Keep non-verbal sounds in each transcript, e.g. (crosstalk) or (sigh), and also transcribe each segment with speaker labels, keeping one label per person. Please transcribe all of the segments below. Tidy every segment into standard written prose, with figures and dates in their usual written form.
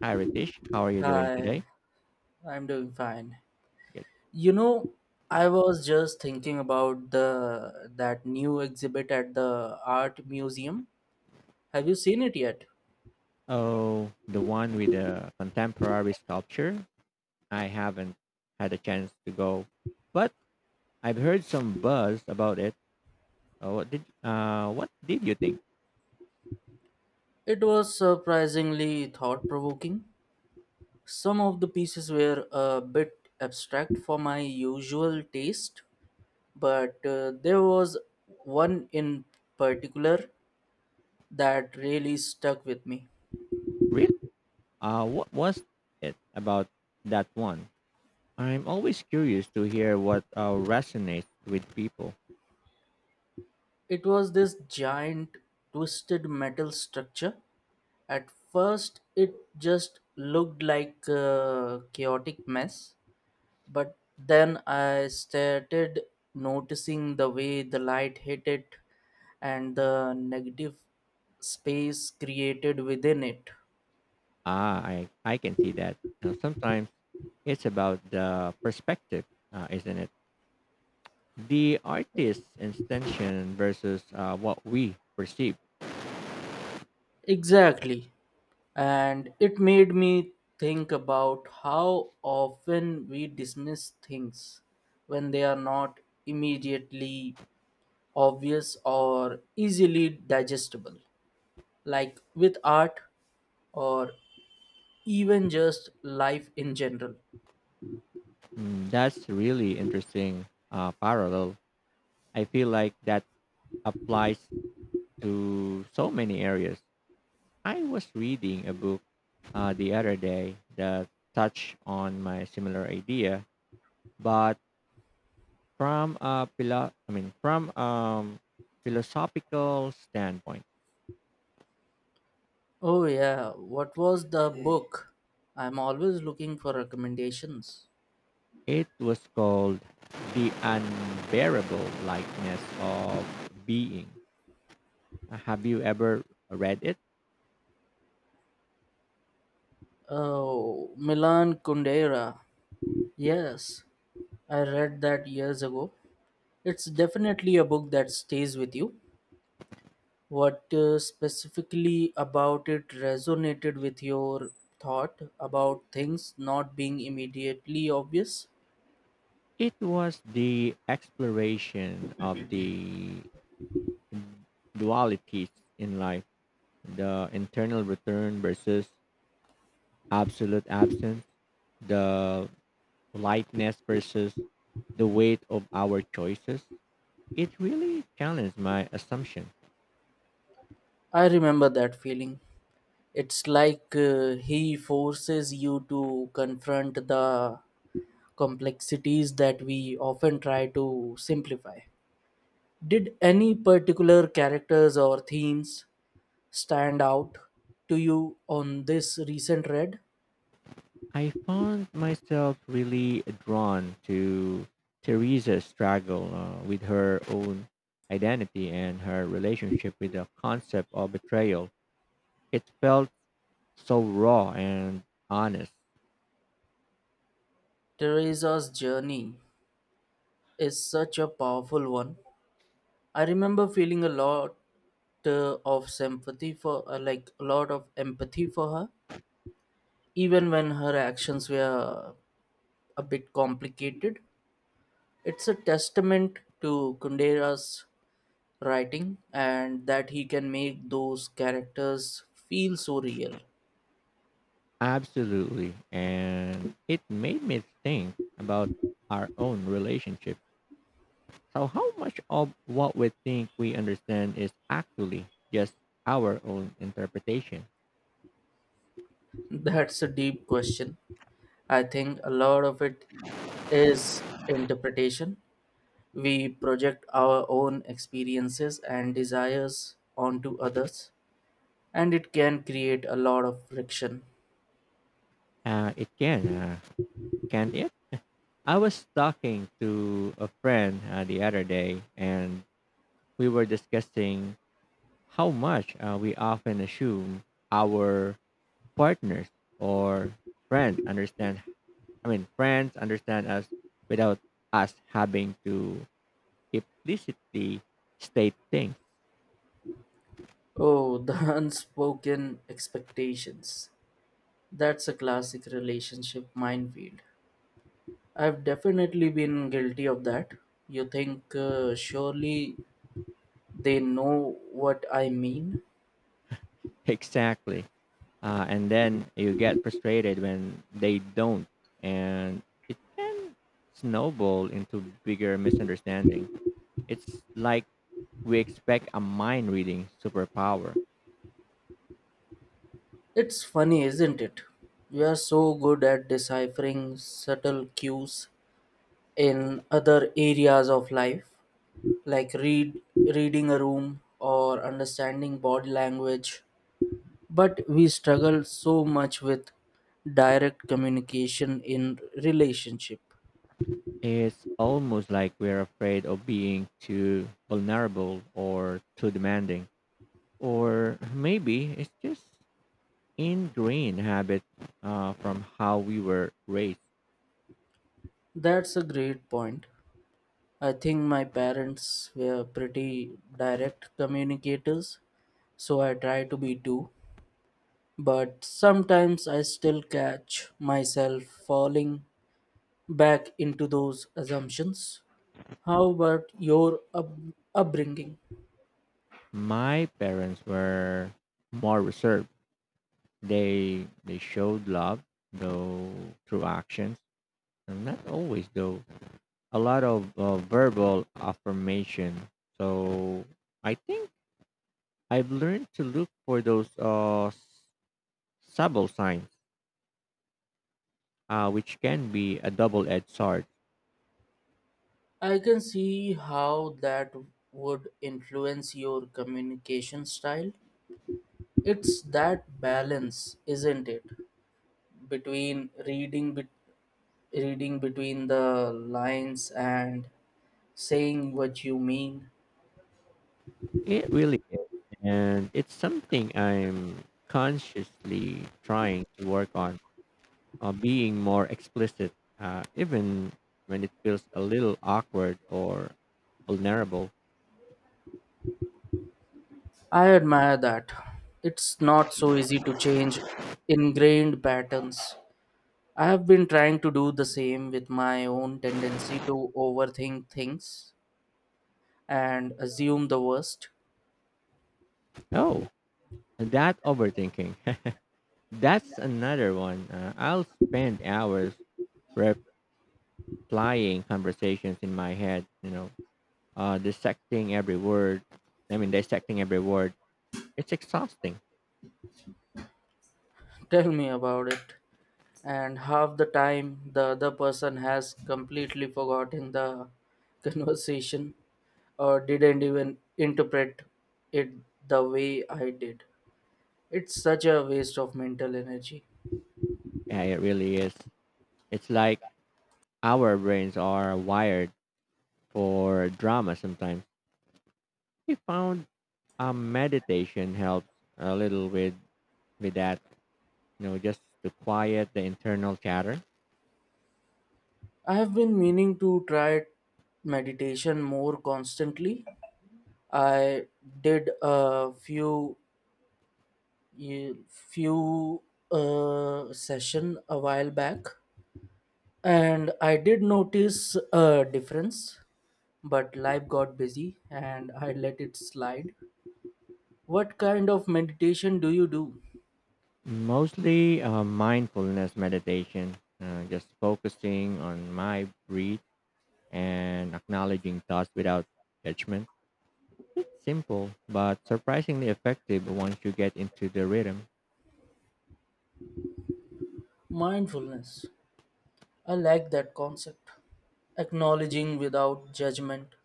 Speaker 1: Hi, Ritesh. How are you doing
Speaker 2: Hi,
Speaker 1: today?
Speaker 2: I'm doing fine.
Speaker 1: Good.
Speaker 2: You know, I was just thinking about the that new exhibit at the art museum. Have you seen it yet?
Speaker 1: Oh, the one with the contemporary sculpture. I haven't had a chance to go, but I've heard some buzz about it. What did you think?
Speaker 2: It was surprisingly thought-provoking. Some of the pieces were a bit abstract for my usual taste, but there was one in particular that really stuck with me.
Speaker 1: Really? What was it about that one? I'm always curious to hear what resonates with people.
Speaker 2: It was this giant twisted metal structure. At first, it just looked like a chaotic mess, but then I started noticing the way the light hit it and the negative space created within it.
Speaker 1: Ah, I can see that. Now, sometimes it's about the perspective, isn't it? The artist's intention versus what we perceive.
Speaker 2: Exactly. And it made me think about how often we dismiss things when they are not immediately obvious or easily digestible, like with art or even just life in general.
Speaker 1: That's really interesting parallel. I feel like that applies to so many areas. I was reading a book the other day that touched on my similar idea, but from a philo- I mean from philosophical standpoint.
Speaker 2: Oh, yeah, what was the book? I'm always looking for recommendations.
Speaker 1: It was called The Unbearable Likeness of Being. Have you ever read it?
Speaker 2: Oh, Milan Kundera. Yes, I read that years ago. It's definitely a book that stays with you. What specifically about it resonated with your thought about things not being immediately obvious?
Speaker 1: It was the exploration of the dualities in life, the internal return versus absolute absence, the lightness versus the weight of our choices. It really challenged my assumption.
Speaker 2: I remember that feeling. It's like he forces you to confront the complexities that we often try to simplify. Did any particular characters or themes stand out to you on this recent read?
Speaker 1: I found myself really drawn to Teresa's struggle with her own identity and her relationship with the concept of betrayal. It felt so raw and honest.
Speaker 2: Teresa's journey is such a powerful one. I remember feeling a lot of sympathy for, like, a lot of empathy for her, even when her actions were a bit complicated. It's a testament to Kundera's writing and that he can make those characters feel so real.
Speaker 1: Absolutely. And it made me think about our own relationships. So how much of what we think we understand is actually just our own interpretation?
Speaker 2: (laughs) That's a deep question. I think a lot of it is interpretation. We project our own experiences and desires onto others, and it can create a lot of friction.
Speaker 1: It can, can't it? I was talking to a friend the other day, and we were discussing how much we often assume our partners or friends understand us without us having to explicitly state things. (laughs)
Speaker 2: Oh, the (laughs) unspoken expectations. That's a classic relationship minefield. I've definitely been guilty of that. You think, surely they know what I mean?
Speaker 1: Exactly. And then you get frustrated when they don't, and it can snowball into bigger misunderstanding. It's like we expect a mind reading superpower.
Speaker 2: It's funny, isn't it? We are so good at deciphering subtle cues in other areas of life, like reading a room or understanding body language, but we struggle so much with direct communication in relationship.
Speaker 1: It's almost like we're afraid of being too vulnerable or too demanding. Or maybe it's just ingrained habit from how we were raised.
Speaker 2: That's a great point. I think my parents were pretty direct communicators, so I try to be too, but sometimes I still catch myself falling back into those assumptions. How about your upbringing?
Speaker 1: My parents were more reserved. They showed love though through actions. And not always though. A lot of verbal affirmation. So I think I've learned to look for those subtle signs, which can be a double-edged sword.
Speaker 2: I can see how that would influence your communication style. It's that balance, isn't it, between reading bet- reading between the lines and saying what you mean.
Speaker 1: It really is, and it's something I'm consciously trying to work on, being more explicit, even when it feels a little awkward or vulnerable.
Speaker 2: I admire that. It's not so easy to change ingrained patterns. I have been trying to do the same with my own tendency to overthink things and assume the worst.
Speaker 1: Oh, and that overthinking. (laughs) That's another one. I'll spend hours replying conversations in my head, dissecting every word. It's exhausting.
Speaker 2: Tell me about it. And half the time the other person has completely forgotten the (laughs) conversation, didn't even interpret it the way I did. It's such a waste of mental energy.
Speaker 1: Yeah, it really is. It's like our brains are wired for drama sometimes. We found meditation helps a little with that. You know, just to quiet the internal chatter.
Speaker 2: I have been meaning to try meditation more constantly. I did few session a while back, and I did notice a difference. But life got busy, and I let it slide. What kind of meditation do you do?
Speaker 1: Mostly mindfulness meditation, just focusing on my breath and acknowledging thoughts without judgment. Simple, but surprisingly effective once you get into the rhythm.
Speaker 2: Mindfulness. I like that concept. Acknowledging without judgment.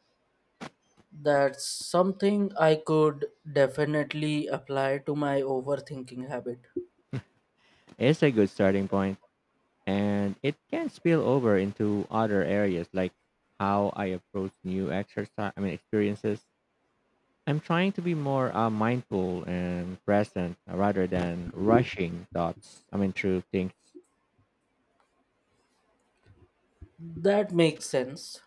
Speaker 2: That's something I could definitely apply to my overthinking habit.
Speaker 1: It's a good starting point, and it can spill over into other areas like how I approach new experiences. I'm trying to be more mindful and present rather than rushing through things.
Speaker 2: That makes sense.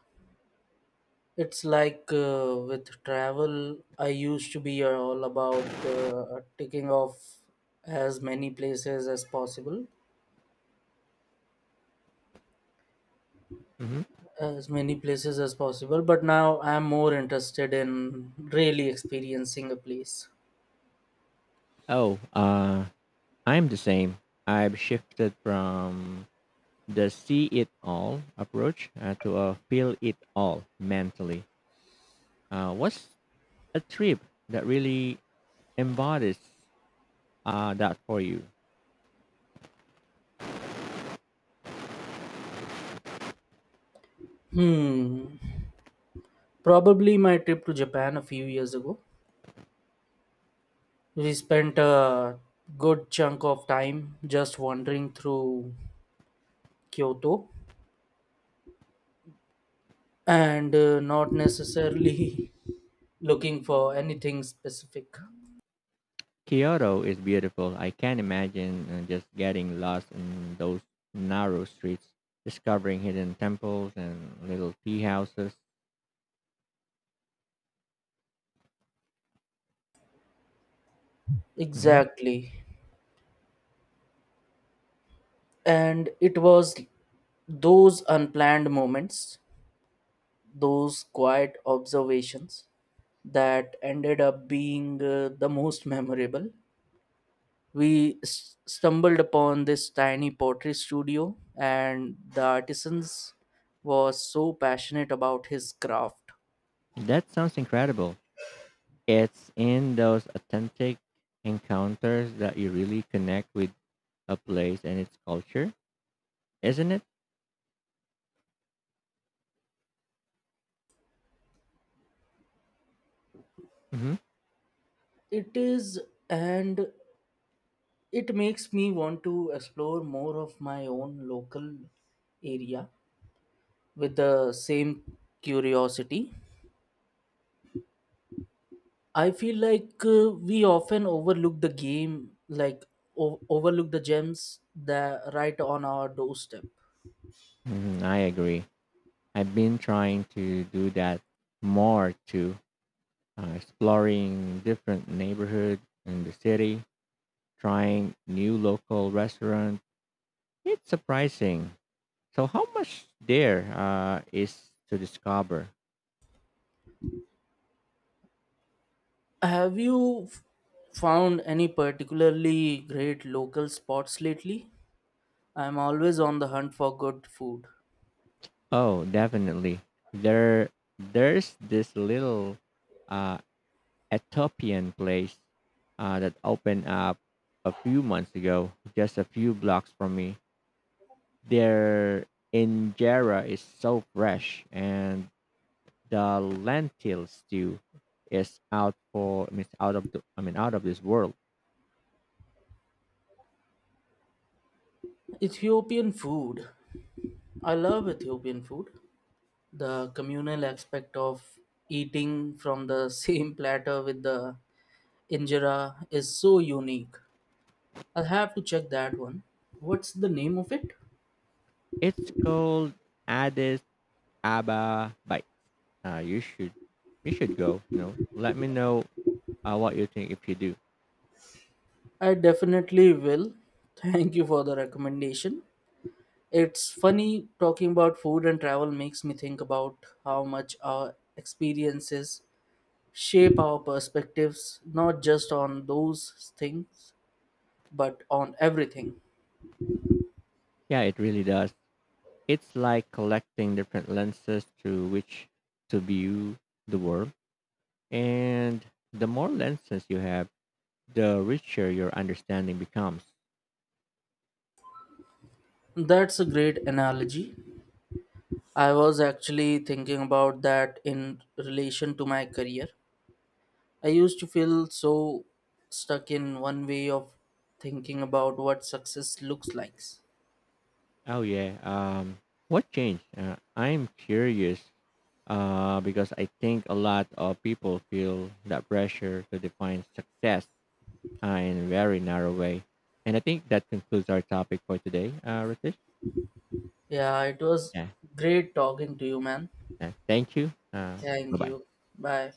Speaker 2: It's like with travel, I used to be all about ticking off as many places as possible,
Speaker 1: Hmm.
Speaker 2: as many places as possible, but now I'm more interested in really experiencing a place.
Speaker 1: Oh, I'm the same. I've shifted from the see it all approach to a feel it all mentally. What's a trip that really embodies that for you.
Speaker 2: Hmm. Probably my trip to Japan a few years ago. We spent a good chunk of time just wandering through Kyoto and not necessarily (laughs) looking for anything specific.
Speaker 1: Kyoto is beautiful. I can imagine just getting lost in those narrow streets, discovering hidden temples and little tea houses. Hmm.
Speaker 2: Exactly. And it was those unplanned moments, those quiet observations that ended up being the most memorable. We stumbled upon this tiny pottery studio and the artisans was so passionate about his craft.
Speaker 1: That sounds incredible. It's in those authentic encounters that you really connect with a place and its culture, isn't it? Hmm.
Speaker 2: It is, and it makes me want to explore more of my own local area with the same curiosity. I feel like we often overlook the game like o- overlook the gems that right on our doorstep.
Speaker 1: Hmm, I agree. I've been trying to do that more too. Exploring different neighborhoods in the city, trying new local restaurants. It's surprising. So how much there is to discover?
Speaker 2: Have you found any particularly great local spots lately? I'm always on the hunt for good food.
Speaker 1: Oh, definitely. There, there's this little uh, Ethiopian place that opened up a few months ago, just a few blocks from me. Their injera is so fresh and the lentil stew is out for I mean, it's out of the I mean out of this world.
Speaker 2: Ethiopian food. I love Ethiopian food. The communal aspect of eating from the (laughs) same platter with the injera is so unique. I'll have to check that one. What's the name of it?
Speaker 1: It's called Addis Ababa Bite. Uh, you should you should go. You know, let me know what you think if you do.
Speaker 2: I definitely will. Thank you for the recommendation. It's funny, talking about food and travel makes me think about how much our experiences shape our perspectives, not just on those things, but on everything.
Speaker 1: Yeah, it really does. It's like collecting different lenses through which to view the world, and the more lenses you have, the richer your understanding becomes.
Speaker 2: That's a great analogy. I was actually thinking about that in relation to my career. I used to feel so stuck in one way of thinking about what success looks like.
Speaker 1: Oh yeah. What changed? I'm curious because I think a lot of people feel that pressure to define success in a very narrow way. And I think that concludes our topic for today, Ritesh.
Speaker 2: Yeah, it was
Speaker 1: Yeah.
Speaker 2: great talking to you, man.
Speaker 1: Yeah, thank you. Bye
Speaker 2: Thank
Speaker 1: bye.
Speaker 2: you. Bye.